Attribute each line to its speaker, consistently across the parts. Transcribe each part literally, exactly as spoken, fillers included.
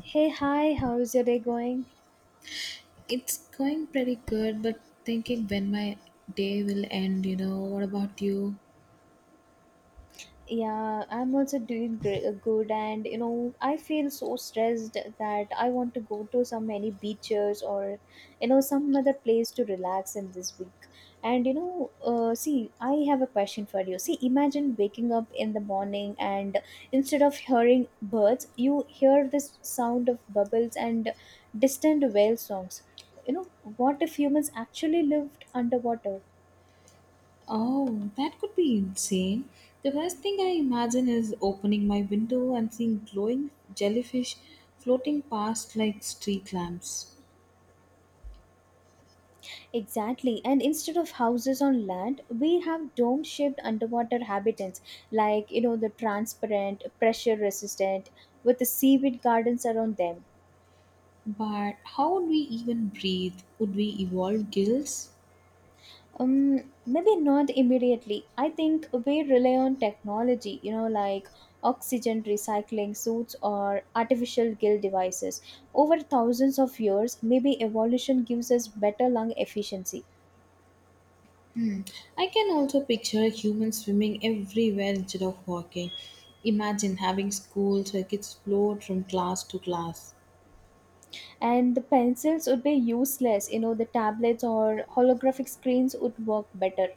Speaker 1: Hey, hi, how's your day going?
Speaker 2: It's going pretty good, but thinking when my day will end, you know, what about you?
Speaker 1: Yeah, I'm also doing great, good, and you know, I feel so stressed that I want to go to so many beaches or you know, some other place to relax in this week. And you know, uh, see, I have a question for you. See, imagine waking up in the morning and instead of hearing birds, you hear this sound of bubbles and distant whale songs. You know, what if humans actually lived underwater?
Speaker 2: Oh, that could be insane. The first thing I imagine is opening my window and seeing glowing jellyfish floating past like street lamps.
Speaker 1: Exactly, and instead of houses on land, we have dome shaped underwater habitats like you know the transparent, pressure resistant, with the seaweed gardens around them.
Speaker 2: But how would we even breathe? Would we evolve gills?
Speaker 1: Um, maybe not immediately. I think we rely on technology, you know, like oxygen recycling suits or artificial gill devices. Over thousands of years, maybe evolution gives us better lung efficiency.
Speaker 2: Hmm. I can also picture humans swimming everywhere instead of walking. Imagine having schools where kids float from class to class.
Speaker 1: And the pencils would be useless, you know, the tablets or holographic screens would work better.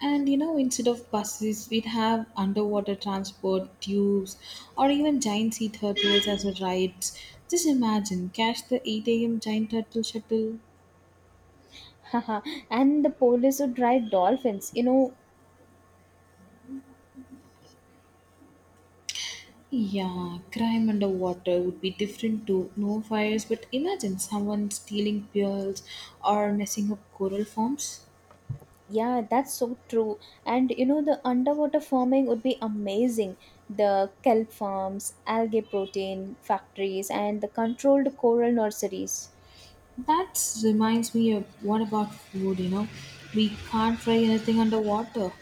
Speaker 2: And you know, instead of buses, we'd have underwater transport, tubes, or even giant sea turtles as a rides. Just imagine, catch the eight a m giant turtle shuttle.
Speaker 1: Haha, and the police would ride dolphins, you know.
Speaker 2: Yeah, crime underwater would be different too. No fires, but imagine someone stealing pearls or messing up coral forms.
Speaker 1: Yeah, that's so true. And you know the underwater farming would be amazing, the kelp farms, algae protein factories, and the controlled coral nurseries.
Speaker 2: That reminds me of what about food, you know? We can't fry anything underwater.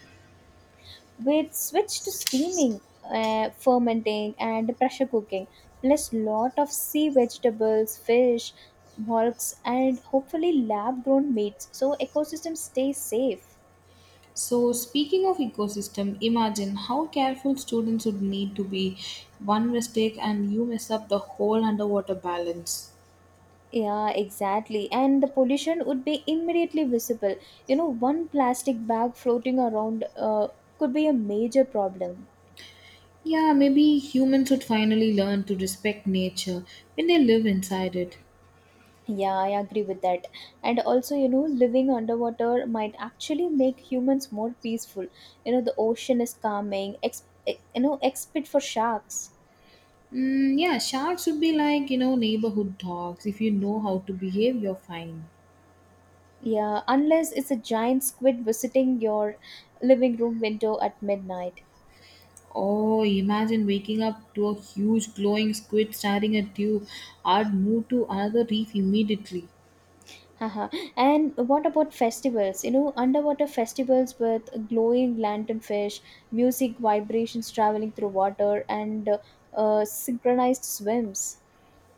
Speaker 1: We'd switch to steaming, uh, fermenting, and pressure cooking, plus lot of sea vegetables, fish, mollusks, and hopefully lab-grown meats, so ecosystem stays safe.
Speaker 2: So, speaking of ecosystem, imagine how careful students would need to be. One mistake and you mess up the whole underwater balance.
Speaker 1: Yeah, exactly. And the pollution would be immediately visible. You know, one plastic bag floating around uh, could be a major problem.
Speaker 2: Yeah, maybe humans would finally learn to respect nature when they live inside it.
Speaker 1: Yeah, I agree with that. And also, you know, living underwater might actually make humans more peaceful. You know, the ocean is calming, ex- eh, you know, except for sharks.
Speaker 2: Mm, yeah, sharks would be like, you know, neighborhood dogs. If you know how to behave, you're fine.
Speaker 1: Yeah, unless it's a giant squid visiting your living room window at midnight.
Speaker 2: Oh, imagine waking up to a huge glowing squid staring at you. I'd move to another reef immediately.
Speaker 1: Haha. And what about festivals? You know, underwater festivals with glowing lanternfish, music vibrations traveling through water, and uh, uh, synchronized swims.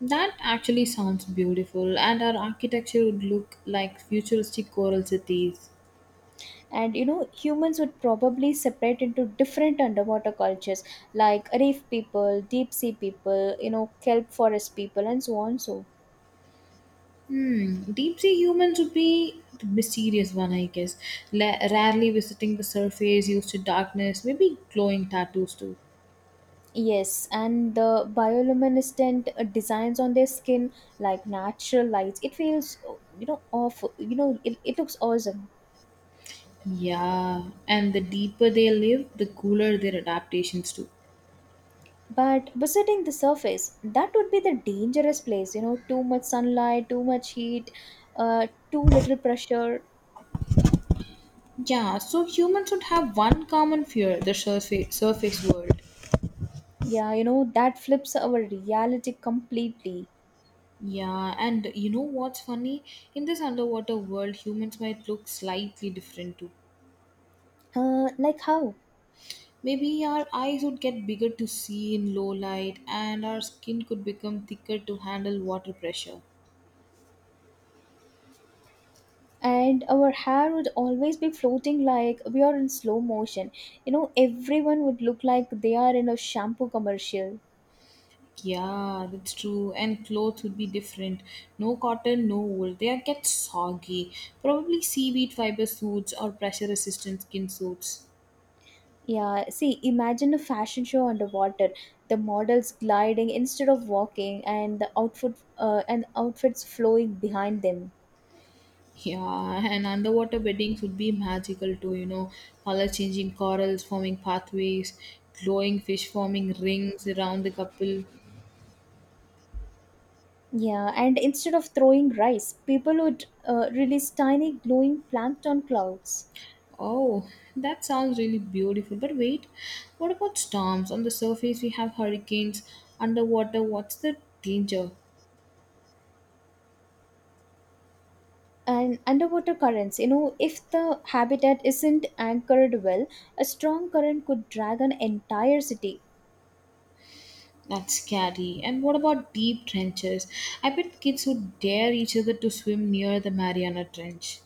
Speaker 2: That actually sounds beautiful, and our architecture would look like futuristic coral cities.
Speaker 1: And you know humans would probably separate into different underwater cultures like reef people, deep sea people, you know, kelp forest people, and so on. So
Speaker 2: Hmm, deep sea humans would be the mysterious one, I guess. La- rarely visiting the surface, used to darkness, maybe glowing tattoos too.
Speaker 1: yes, and the bioluminescent uh, designs on their skin like natural lights, it feels uh, you know awful, you know, it, it looks awesome.
Speaker 2: Yeah, and the deeper they live, the cooler their adaptations too.
Speaker 1: But visiting the surface, that would be the dangerous place, you know, too much sunlight, too much heat, uh, too little pressure.
Speaker 2: Yeah, so humans would have one common fear the surface, surface world.
Speaker 1: Yeah, you know that flips our reality completely.
Speaker 2: Yeah, and you know what's funny? In this underwater world, humans might look slightly different too.
Speaker 1: Uh, like how?
Speaker 2: Maybe our eyes would get bigger to see in low light and our skin could become thicker to handle water pressure.
Speaker 1: And our hair would always be floating like we are in slow motion. You know, everyone would look like they are in a shampoo commercial.
Speaker 2: Yeah, that's true. And clothes would be different. No cotton, no wool. They are get soggy. Probably seaweed fiber suits or pressure resistant skin suits.
Speaker 1: Yeah, see, imagine a fashion show underwater. The models gliding instead of walking, and the outfit uh, and outfits flowing behind them.
Speaker 2: Yeah, and underwater beddings would be magical too, you know. Color changing corals forming pathways, glowing fish forming rings around the couple.
Speaker 1: Yeah, and instead of throwing rice, people would uh, release tiny glowing plankton clouds.
Speaker 2: Oh, that sounds really beautiful. But wait, what about storms? On the surface, we have hurricanes. Underwater, what's the danger?
Speaker 1: And underwater currents, you know, if the habitat isn't anchored well, a strong current could drag an entire city.
Speaker 2: That's scary. And what about deep trenches? I bet kids would dare each other to swim near the Mariana Trench.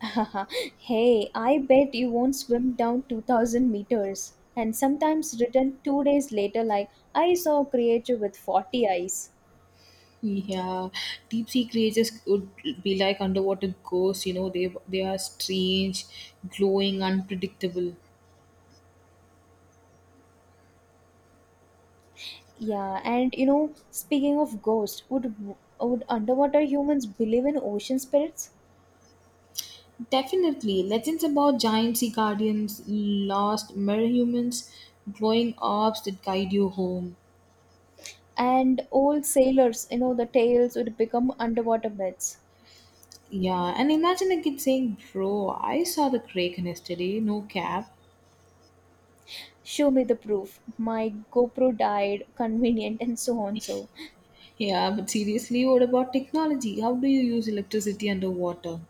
Speaker 1: Hey, I bet you won't swim down two thousand meters and sometimes return two days later like, I saw a creature with forty eyes.
Speaker 2: Yeah, deep sea creatures would be like underwater ghosts. You know, they they are strange, glowing, unpredictable.
Speaker 1: Yeah, and you know speaking of ghosts, would would underwater humans believe in ocean spirits?
Speaker 2: Definitely, legends about giant sea guardians, lost merhumans, glowing orbs that guide you home.
Speaker 1: And old sailors, you know, the tales would become underwater myths.
Speaker 2: Yeah, and imagine a kid saying, "Bro, I saw the kraken yesterday, no cap."
Speaker 1: Show me the proof. My GoPro died, convenient, and so on. So,
Speaker 2: Yeah, but seriously, what about technology? How do you use electricity underwater?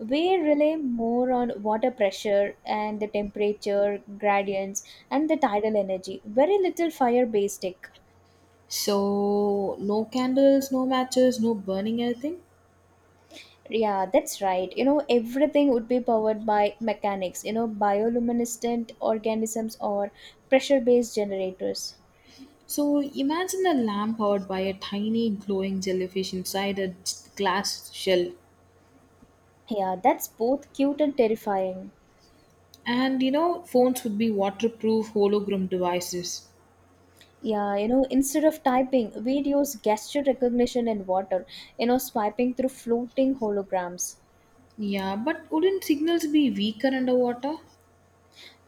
Speaker 1: we rely more on water pressure and the temperature gradients and the tidal energy. Very little fire based tech.
Speaker 2: So, no candles, no matches, no burning anything?
Speaker 1: Yeah, that's right. You know, everything would be powered by mechanics, you know, bioluminescent organisms or pressure based generators.
Speaker 2: So, imagine a lamp powered by a tiny glowing jellyfish inside a glass shell.
Speaker 1: Yeah, that's both cute and terrifying.
Speaker 2: And you know, phones would be waterproof hologram devices.
Speaker 1: Yeah, you know, instead of typing, we'd use gesture recognition in water, you know, swiping through floating holograms.
Speaker 2: Yeah, but wouldn't signals be weaker underwater?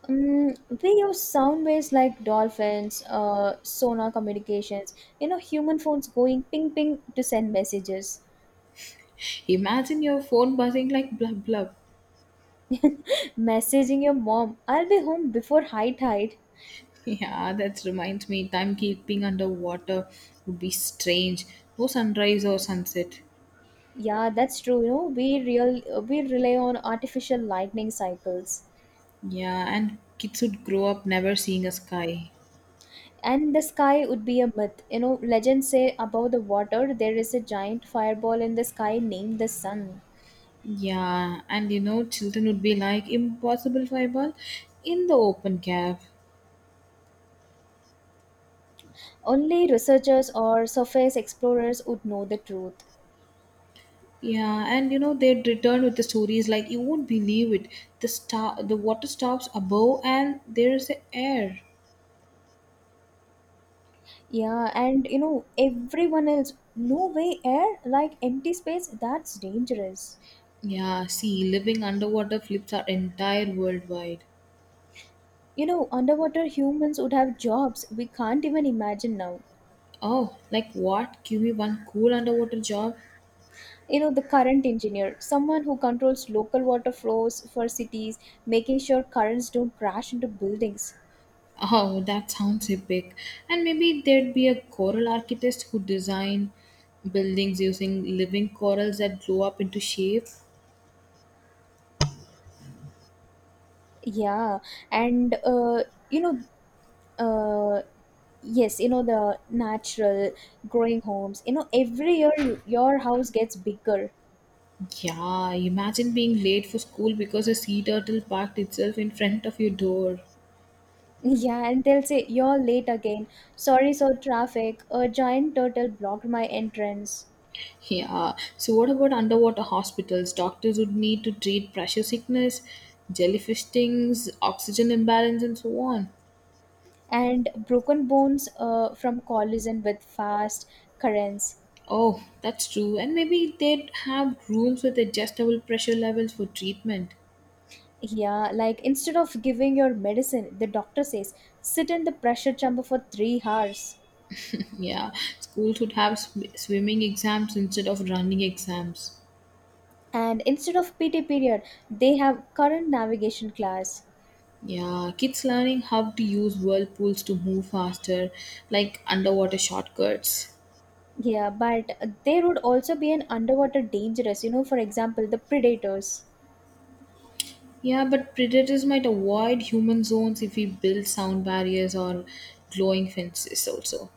Speaker 1: Mm, we use sound waves like dolphins, uh, sonar communications, you know, human phones going ping ping to send messages.
Speaker 2: Imagine your phone buzzing like blub blub.
Speaker 1: Messaging your mom, I'll be home before high tide.
Speaker 2: Yeah, that reminds me, timekeeping underwater would be strange. No sunrise or sunset.
Speaker 1: Yeah, that's true. You know, we real we rely on artificial lightning cycles.
Speaker 2: Yeah, and kids would grow up never seeing a sky.
Speaker 1: And the sky would be a myth, you know, legends say above the water there is a giant fireball in the sky named the sun.
Speaker 2: Yeah, and you know, children would be like, impossible fireball in the open cave.
Speaker 1: Only researchers or surface explorers would know the truth.
Speaker 2: Yeah, and you know they'd return with the stories like you won't believe it. The star, the water stops above, and there's the air.
Speaker 1: Yeah, and you know everyone else, no way, air like empty space, that's dangerous.
Speaker 2: Yeah, see, living underwater flips our entire worldwide.
Speaker 1: You know underwater humans would have jobs we can't even imagine now.
Speaker 2: Oh, like what? Give me one cool underwater job?
Speaker 1: You know, the current engineer, someone who controls local water flows for cities, making sure currents don't crash into buildings.
Speaker 2: Oh, that sounds epic. And maybe there'd be a coral architect who design buildings using living corals that blow up into shape.
Speaker 1: Yeah, and uh, you know, uh, yes, you know the natural growing homes. You know, every year you- your house gets bigger.
Speaker 2: Yeah, imagine being late for school because a sea turtle parked itself in front of your door.
Speaker 1: Yeah, and they'll say you're late again. Sorry, so traffic. A giant turtle blocked my entrance.
Speaker 2: Yeah. So, what about underwater hospitals? Doctors would need to treat pressure sickness, jellyfish stings, oxygen imbalance, and so on.
Speaker 1: And broken bones uh, from collision with fast currents.
Speaker 2: Oh, that's true. And maybe they'd have rooms with adjustable pressure levels for treatment.
Speaker 1: Yeah, like instead of giving your medicine, the doctor says sit in the pressure chamber for three hours.
Speaker 2: Yeah. Schools would have sw- swimming exams instead of running exams.
Speaker 1: And instead of PT period, they have current navigation class.
Speaker 2: Yeah, kids learning how to use whirlpools to move faster, like underwater shortcuts.
Speaker 1: Yeah, but there would also be an underwater dangerous, you know, for example the predators.
Speaker 2: Yeah, but predators might avoid human zones if we build sound barriers or glowing fences also.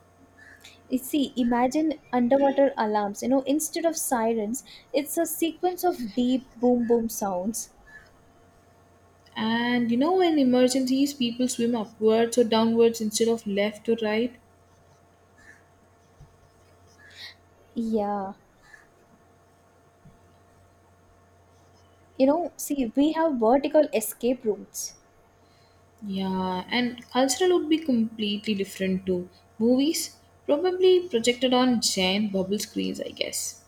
Speaker 1: You see, imagine underwater alarms, you know, instead of sirens, it's a sequence of deep boom boom sounds.
Speaker 2: And you know, in emergencies, people swim upwards or downwards instead of left or right.
Speaker 1: Yeah, you know, see, we have vertical escape routes.
Speaker 2: Yeah, and cultural would be completely different to movies, probably projected on giant bubble screens, I guess.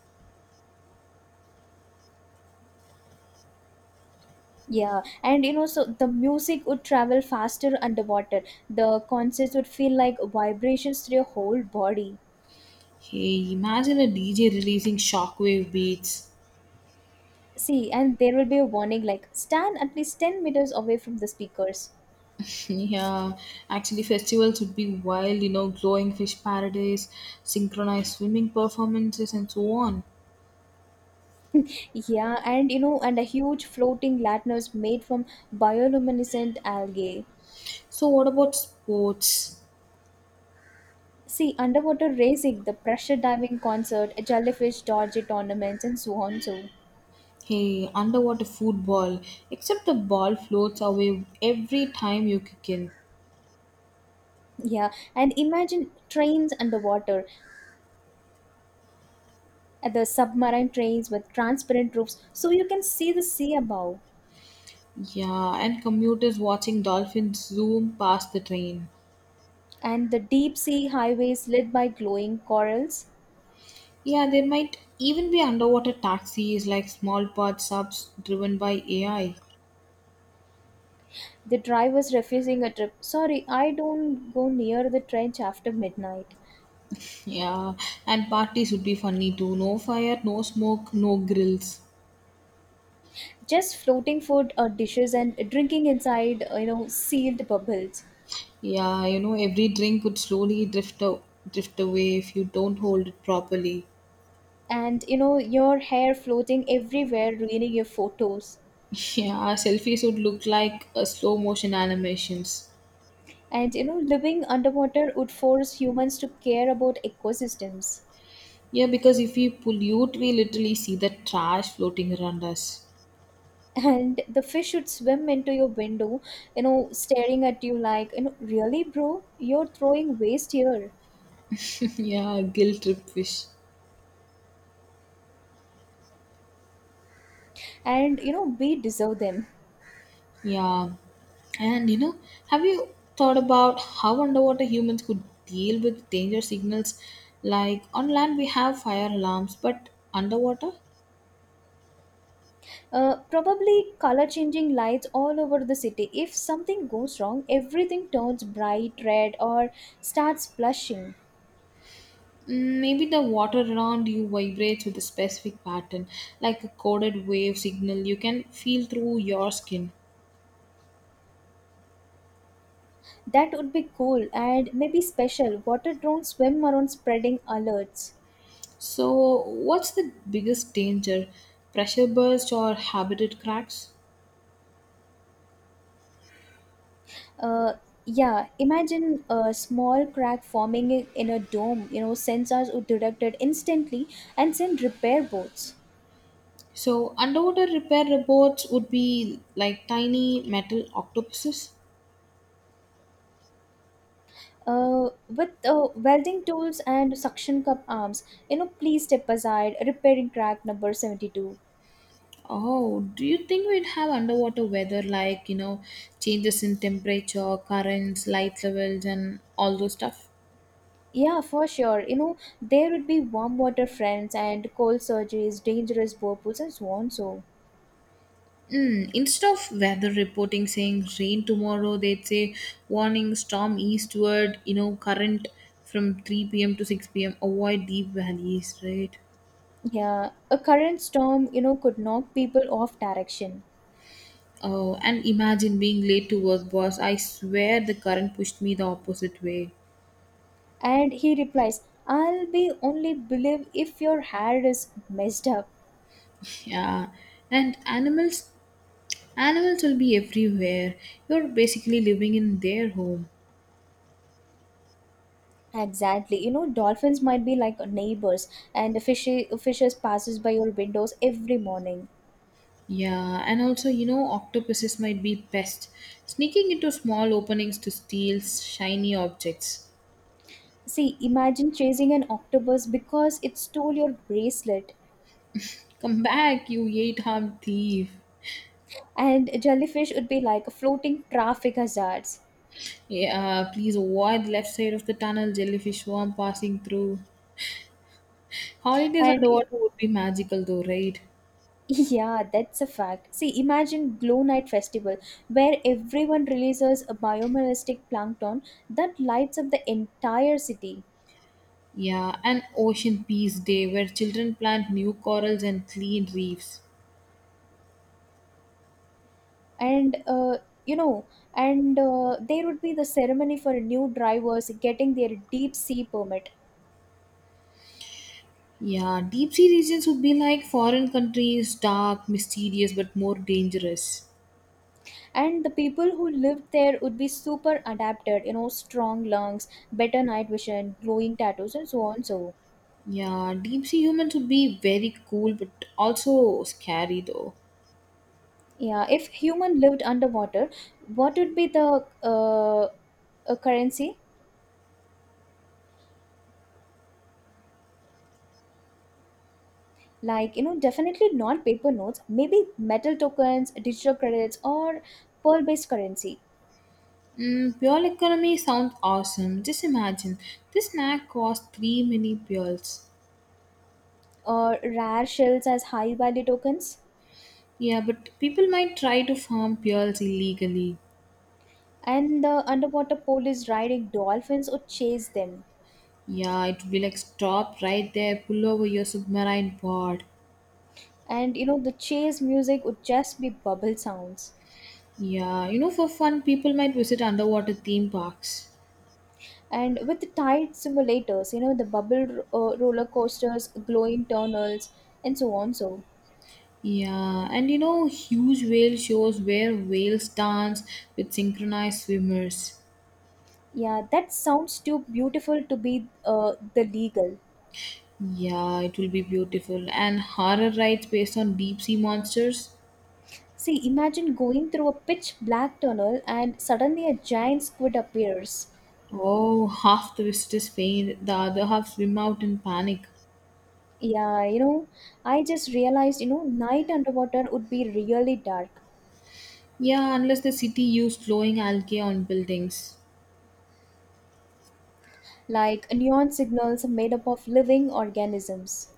Speaker 1: Yeah, and you know so the music would travel faster underwater, the concerts would feel like vibrations through your whole body.
Speaker 2: Hey, imagine a D J releasing shockwave beats.
Speaker 1: See, and there will be a warning like stand at least ten meters away from the speakers.
Speaker 2: Yeah, actually, festivals would be wild, you know, glowing fish paradise, synchronized swimming performances, and so on.
Speaker 1: Yeah, and you know, and a huge floating lanterns made from bioluminescent algae.
Speaker 2: So, what about sports?
Speaker 1: See, underwater racing, the pressure diving concert, jellyfish dodgy tournaments, and so on. So,
Speaker 2: Hey, underwater football, except the ball floats away every time you kick in.
Speaker 1: yeah, and imagine trains underwater, uh, the submarine trains with transparent roofs so you can see the sea above,
Speaker 2: Yeah, and commuters watching dolphins zoom past the train.
Speaker 1: and the deep sea highways lit by glowing corals.
Speaker 2: Yeah, there might even be underwater taxis like small pod subs driven by A I.
Speaker 1: The driver's refusing a trip. Sorry, I don't go near the trench after midnight.
Speaker 2: Yeah, and parties would be funny too. No fire, no smoke, no grills.
Speaker 1: Just floating food or dishes and drinking inside, uh, you know, sealed bubbles.
Speaker 2: Yeah, you know, every drink would slowly drift a drift away if you don't hold it properly.
Speaker 1: And, you know, your hair floating everywhere, ruining your photos.
Speaker 2: Yeah, selfies would look like a slow motion animations.
Speaker 1: And, you know, living underwater would force humans to care about ecosystems.
Speaker 2: Yeah, because if we pollute, we literally see the trash floating around us.
Speaker 1: And the fish would swim into your window, you know, staring at you like, you know, really, bro? You're throwing waste here.
Speaker 2: Yeah, guilt trip fish.
Speaker 1: And, you know, we deserve them.
Speaker 2: Yeah. And you know, have you thought about how underwater humans could deal with danger signals? Like on land, we have fire alarms, but underwater?
Speaker 1: Uh, probably color changing lights all over the city. If something goes wrong, everything turns bright red or starts blushing.
Speaker 2: Mm, maybe the water around you vibrates with a specific pattern, like a coded wave signal you can feel through your skin.
Speaker 1: That would be cool and maybe special. Water drones swim around spreading alerts.
Speaker 2: So, what's the biggest danger? Pressure burst or habitat cracks?
Speaker 1: Uh, yeah, imagine a small crack forming in in a dome. You know, sensors would detect it instantly and send repair boats.
Speaker 2: So, underwater repair robots would be like tiny metal octopuses.
Speaker 1: Uh, with uh, welding tools and suction cup arms, you know, please step aside. Repairing crack number seventy-two.
Speaker 2: Oh, do you think we'd have underwater weather like, you know, changes in temperature, currents, light levels, and all those stuff?
Speaker 1: Yeah, for sure. You know, there would be warm water friends and cold surges, dangerous whirlpools, and so on. So,
Speaker 2: Mm, instead of weather reporting saying rain tomorrow, they'd say warning storm eastward, you know, current from three p m to six p m, avoid deep valleys, right?
Speaker 1: yeah, a current storm, you know, could knock people off direction.
Speaker 2: Oh, and imagine being late to work, boss. I swear the current pushed me the opposite way.
Speaker 1: And he replies, I'll be only believe if your hair is messed up.
Speaker 2: Yeah. And animals Animals will be everywhere. You're basically living in their home.
Speaker 1: Exactly. You know, dolphins might be like neighbors, and the fishy, fishes passes by your windows every morning.
Speaker 2: Yeah, and also, you know, octopuses might be pests, sneaking into small openings to steal shiny objects.
Speaker 1: See, imagine chasing an octopus because it stole your bracelet.
Speaker 2: Come back, you eight armed thief.
Speaker 1: And jellyfish would be like floating traffic hazards.
Speaker 2: Yeah, please avoid the left side of the tunnel, jellyfish worm passing through. Holidays
Speaker 1: and y-
Speaker 2: underwater would be magical though, right?
Speaker 1: yeah, that's a fact. See, imagine glow night festival where everyone releases a biomimetic plankton that lights up the entire city.
Speaker 2: Yeah, and Ocean Peace Day, where children plant new corals and clean reefs.
Speaker 1: And uh, you know and uh, there would be the ceremony for new drivers getting their deep sea permit.
Speaker 2: Yeah, deep sea regions would be like foreign countries, dark, mysterious, but more dangerous.
Speaker 1: And the people who lived there would be super adapted, you know, strong lungs, better night vision, glowing tattoos, and so on. So
Speaker 2: Yeah, deep sea humans would be very cool, but also scary though.
Speaker 1: yeah, if human lived underwater, what would be the uh, a currency? Like, you know, definitely not paper notes, maybe metal tokens, digital credits, or pearl-based currency,
Speaker 2: Mm, pearl economy sounds awesome. Just imagine, this snack costs three mini pearls.
Speaker 1: or rare shells as high-value tokens.
Speaker 2: Yeah, but people might try to farm pearls illegally.
Speaker 1: And the underwater police riding dolphins would chase them.
Speaker 2: Yeah, it would be like stop right there, pull over your submarine board.
Speaker 1: And, you know, the chase music would just be bubble sounds.
Speaker 2: Yeah, you know, for fun, people might visit underwater theme parks.
Speaker 1: And with the tide simulators, you know, the bubble uh, roller coasters, glowing tunnels, and so on so.
Speaker 2: Yeah, and you know, huge whale shows where whales dance with synchronized swimmers.
Speaker 1: Yeah, that sounds too beautiful to be uh, the legal.
Speaker 2: Yeah, it will be beautiful. And horror rides based on deep sea monsters.
Speaker 1: See, imagine going through a pitch black tunnel and suddenly a giant squid appears.
Speaker 2: Oh, half the visitors faint, the other half swim out in panic.
Speaker 1: Yeah, you know, I just realized, you know, night underwater would be really dark,
Speaker 2: Yeah, unless the city used glowing algae on buildings.
Speaker 1: like neon signals made up of living organisms.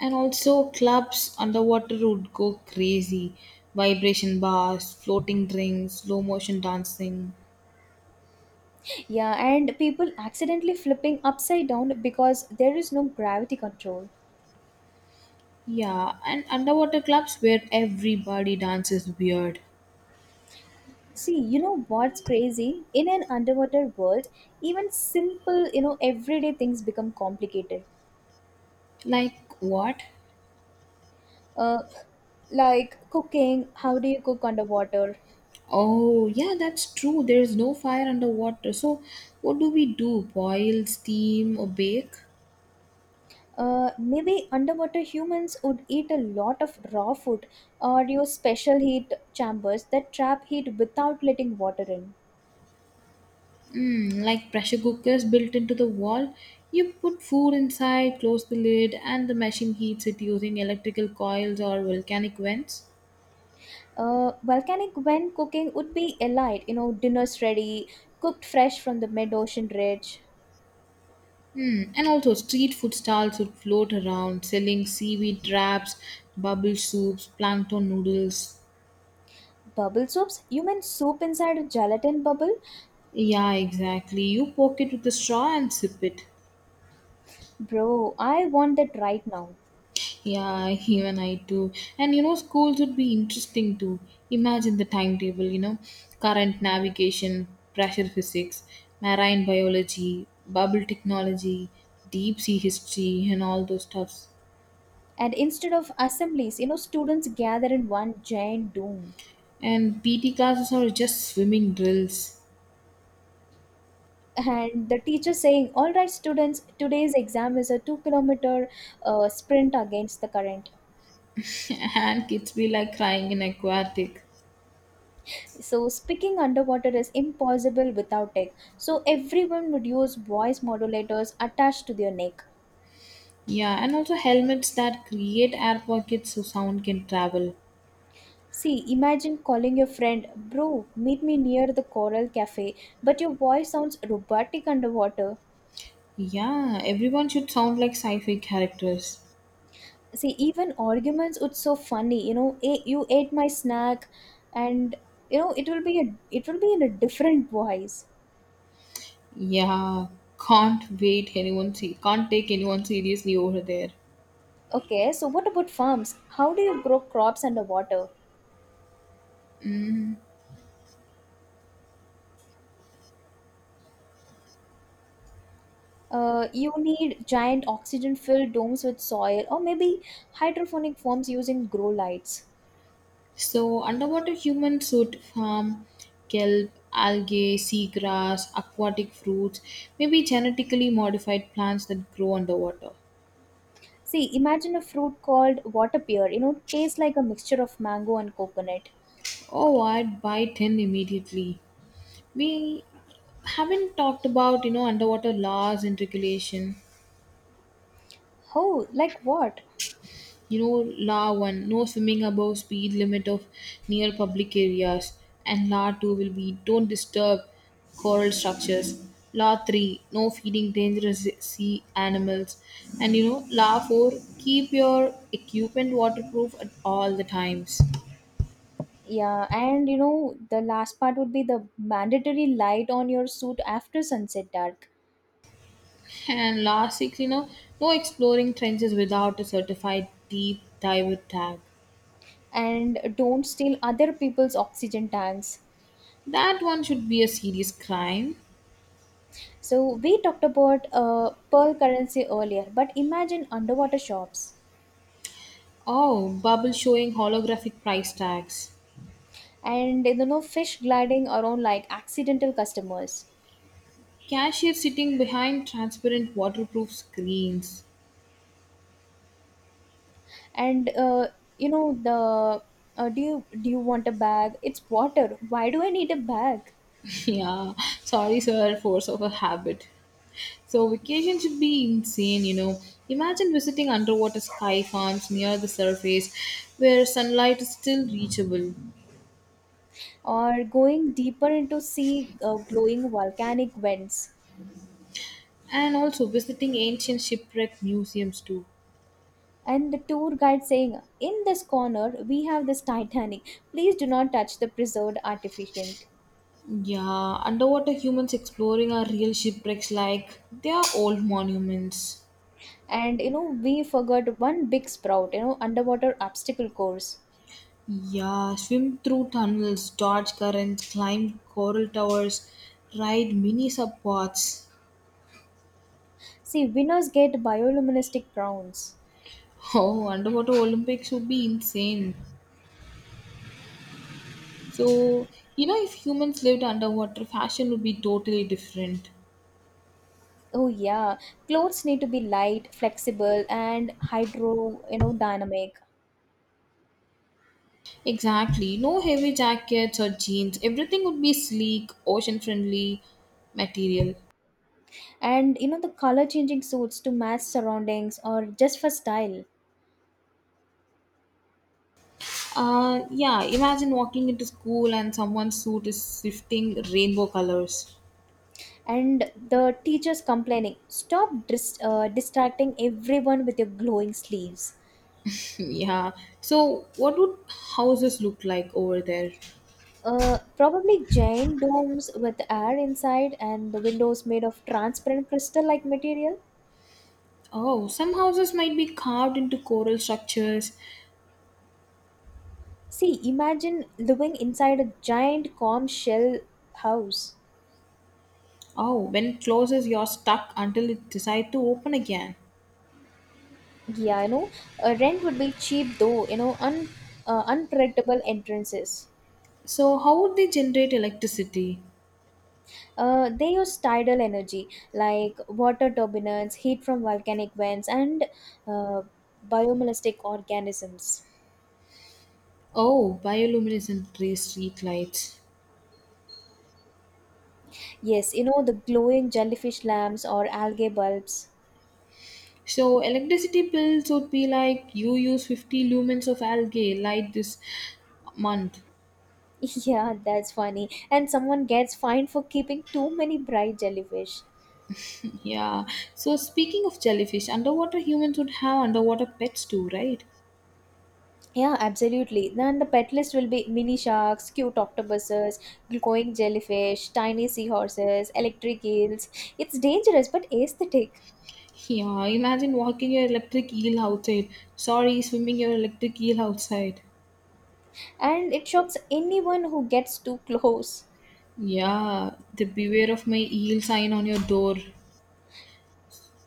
Speaker 2: And also, clubs underwater would go crazy. Vibration bars, floating drinks, slow motion dancing.
Speaker 1: Yeah, and people accidentally flipping upside down because there is no gravity control.
Speaker 2: Yeah, and underwater clubs where everybody dances weird.
Speaker 1: See, you know what's crazy? In an underwater world, even simple, you know, everyday things become complicated.
Speaker 2: Like what?
Speaker 1: Uh, like cooking, how do you cook underwater?
Speaker 2: Oh, yeah, that's true. There is no fire underwater. So, what do we do? Boil, steam, or bake?
Speaker 1: Uh, maybe underwater humans would eat a lot of raw food or use special heat chambers that trap heat without letting water in.
Speaker 2: Mm, like pressure cookers built into the wall. You put food inside, close the lid, and the machine heats it using electrical coils or volcanic vents.
Speaker 1: Uh, volcanic when cooking would be elite, you know, dinner's ready, cooked fresh from the mid ocean ridge.
Speaker 2: Hmm. And also, street food stalls would float around selling seaweed wraps, bubble soups, plankton noodles.
Speaker 1: Bubble soups, you mean soup inside a gelatin bubble?
Speaker 2: Yeah, exactly. You poke it with a straw and sip it.
Speaker 1: Bro, I want that right now.
Speaker 2: Yeah, even I too. And you know, schools would be interesting too. Imagine the timetable, you know, current navigation, pressure physics, marine biology, bubble technology, deep sea history, and all those stuffs.
Speaker 1: And instead of assemblies, you know, students gather in one giant dome.
Speaker 2: And P T classes are just swimming drills.
Speaker 1: And the teacher saying, all right, students, today's exam is a two kilometer uh, sprint against the current.
Speaker 2: And kids be like crying in aquatic.
Speaker 1: So, speaking underwater is impossible without tech. So, everyone would use voice modulators attached to their neck.
Speaker 2: Yeah, and also helmets that create air pockets so sound can travel.
Speaker 1: See, imagine calling your friend, bro, meet me near the Coral Cafe, but your voice sounds robotic underwater.
Speaker 2: Yeah, everyone should sound like sci-fi characters.
Speaker 1: See, even arguments, it's so funny. You know, "Eh, you ate my snack, and you know it will be a it will be in a different voice."
Speaker 2: Yeah, can't wait anyone see can't take anyone seriously over there.
Speaker 1: Okay, so what about farms? How do you grow crops underwater? Uh, you need giant oxygen-filled domes with soil, or maybe hydroponic farms using grow lights.
Speaker 2: So underwater humans should farm kelp, algae, seagrass, aquatic fruits, maybe genetically modified plants that grow underwater.
Speaker 1: See, imagine a fruit called water pear. You know, tastes like a mixture of mango and coconut.
Speaker 2: Oh, I'd buy ten immediately. We haven't talked about, you know, underwater laws and regulation.
Speaker 1: Oh, like what?
Speaker 2: you know la one, no swimming above speed limit of near public areas, and la two will be don't disturb coral structures, la three no feeding dangerous sea animals, and you know la four keep your equipment waterproof at all the times,
Speaker 1: Yeah, and you know, the last part would be the mandatory light on your suit after sunset dark.
Speaker 2: and la six, you know no exploring trenches without a certified deep diver tag.
Speaker 1: And don't steal other people's oxygen tanks.
Speaker 2: That one should be a serious crime.
Speaker 1: So, we talked about uh, pearl currency earlier, but imagine underwater shops
Speaker 2: Oh, bubble showing holographic price tags.
Speaker 1: and you know, fish gliding around like accidental customers.
Speaker 2: Cashier sitting behind transparent waterproof screens.
Speaker 1: And uh, you know, the uh, do you do you want a bag? It's water. Why do I need a bag?
Speaker 2: Yeah, sorry, sir, force of a habit. So, vacation should be insane, you know. Imagine visiting underwater sky farms near the surface where sunlight is still reachable,
Speaker 1: Or going deeper into sea, uh, glowing volcanic vents.
Speaker 2: and also visiting ancient shipwreck museums too.
Speaker 1: And the tour guide saying, "In this corner we have this titanic, please do not touch the preserved artifact."
Speaker 2: Yeah, underwater humans exploring our real shipwrecks like they are old monuments.
Speaker 1: And you know we forgot one big sprout, you know underwater obstacle course.
Speaker 2: Yeah, swim through tunnels, dodge currents, climb coral towers, ride mini sub pods.
Speaker 1: See, winners get bioluminescent crowns.
Speaker 2: Oh, underwater Olympics would be insane. So, you know, if humans lived underwater, fashion would be totally different.
Speaker 1: Oh yeah, clothes need to be light, flexible, and hydro, you know dynamic.
Speaker 2: Exactly. No heavy jackets or jeans. Everything would be sleek, ocean friendly material.
Speaker 1: And you know the color changing suits to match surroundings or just for style.
Speaker 2: Uh, yeah, imagine walking into school and someone's suit is shifting rainbow colors.
Speaker 1: And the teachers complaining, "Stop dis- uh, distracting everyone with your glowing sleeves."
Speaker 2: Yeah. So, what would houses look like over there?
Speaker 1: Uh, probably giant domes with air inside and the windows made of transparent crystal like material.
Speaker 2: Oh, some houses might be carved into coral structures.
Speaker 1: See, imagine living inside a giant calm shell house.
Speaker 2: Oh, when it closes, you're stuck until it decides to open again.
Speaker 1: yeah you know uh, Rent would be cheap though, you know un- uh, unpredictable entrances.
Speaker 2: So, how would they generate electricity?
Speaker 1: Uh, they use tidal energy like water turbines, heat from volcanic vents, and uh, biomolecular organisms.
Speaker 2: Oh, bioluminescent based street lights.
Speaker 1: Yes, you know, the glowing jellyfish lamps or algae bulbs.
Speaker 2: So, electricity bills would be like you use fifty lumens of algae light this month.
Speaker 1: Yeah, that's funny. And someone gets fined for keeping too many bright jellyfish.
Speaker 2: Yeah. So, speaking of jellyfish, underwater humans would have underwater pets too, right?
Speaker 1: Yeah, absolutely. Then the pet list will be mini sharks, cute octopuses, glowing jellyfish, tiny seahorses, electric eels. It's dangerous but aesthetic.
Speaker 2: Yeah, imagine walking your electric eel outside. Sorry, swimming your electric eel outside.
Speaker 1: And it shocks anyone who gets too close.
Speaker 2: Yeah, the beware of my eel sign on your door.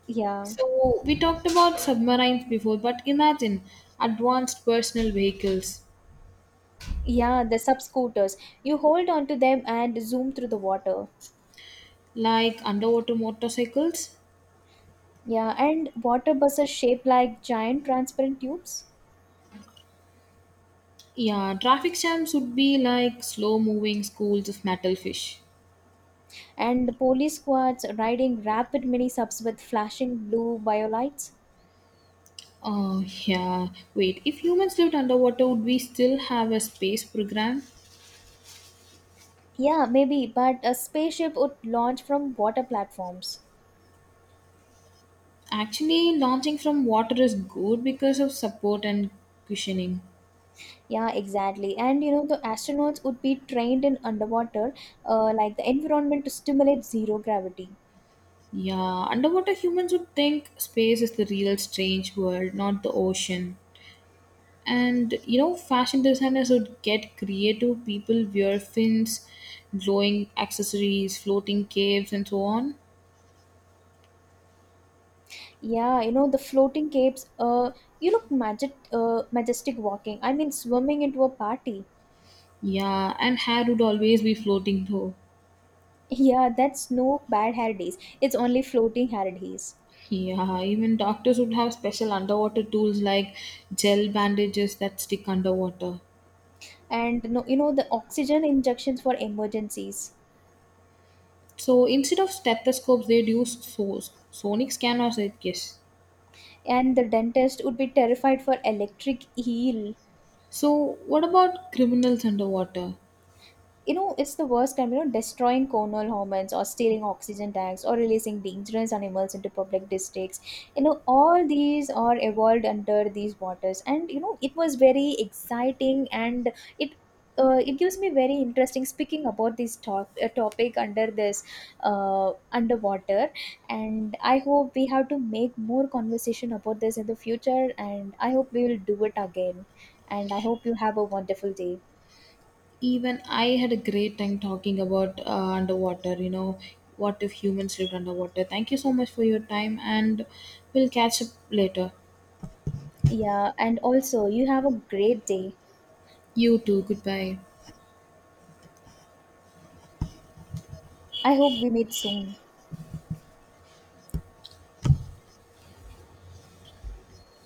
Speaker 1: Yeah,
Speaker 2: So, we talked about submarines before, but imagine advanced personal vehicles
Speaker 1: yeah, the sub scooters. You hold onto them and zoom through the water.
Speaker 2: like underwater motorcycles.
Speaker 1: Yeah, and water buses shaped like giant transparent tubes.
Speaker 2: Yeah, traffic jams would be like slow moving schools of metal fish.
Speaker 1: And the police squads riding rapid mini subs with flashing blue biolights.
Speaker 2: Oh, yeah. Wait, if humans lived underwater, would we still have a space program?
Speaker 1: Yeah, maybe, but a spaceship would launch from water platforms.
Speaker 2: Actually, launching from water is good because of support and cushioning.
Speaker 1: Yeah, exactly. And you know, the astronauts would be trained in underwater, uh, like the environment to stimulate zero gravity.
Speaker 2: Yeah, underwater humans would think space is the real strange world, not the ocean. And you know, fashion designers would get creative. People wear fins, glowing accessories, floating caves, and so on.
Speaker 1: Yeah, you know, the floating capes, uh, you look magic, uh, majestic walking. I mean, swimming into a party.
Speaker 2: Yeah, and hair would always be floating though.
Speaker 1: Yeah, that's no bad hair days. It's only floating hair days.
Speaker 2: Yeah, even doctors would have special underwater tools like gel bandages that stick underwater.
Speaker 1: And no, you know, the oxygen injections for emergencies.
Speaker 2: So instead of stethoscopes, they'd use so- sonic scanners, I guess.
Speaker 1: And the dentist would be terrified for electric eel.
Speaker 2: So, what about criminals underwater?
Speaker 1: You know it's the worst time, you know destroying cornal hormones or stealing oxygen tanks or releasing dangerous animals into public districts. You know all these are evolved under these waters, and you know it was very exciting. And it uh, it gives me very interesting speaking about this top, uh, topic under this uh, underwater. And I hope we have to make more conversation about this in the future, and I hope we will do it again. And I hope you have a wonderful day.
Speaker 2: Even I had a great time talking about uh, underwater, you know, what if humans lived underwater. Thank you so much for your time, and we'll catch up later.
Speaker 1: Yeah, and also, you have a great day.
Speaker 2: You too, goodbye.
Speaker 1: I hope we meet soon.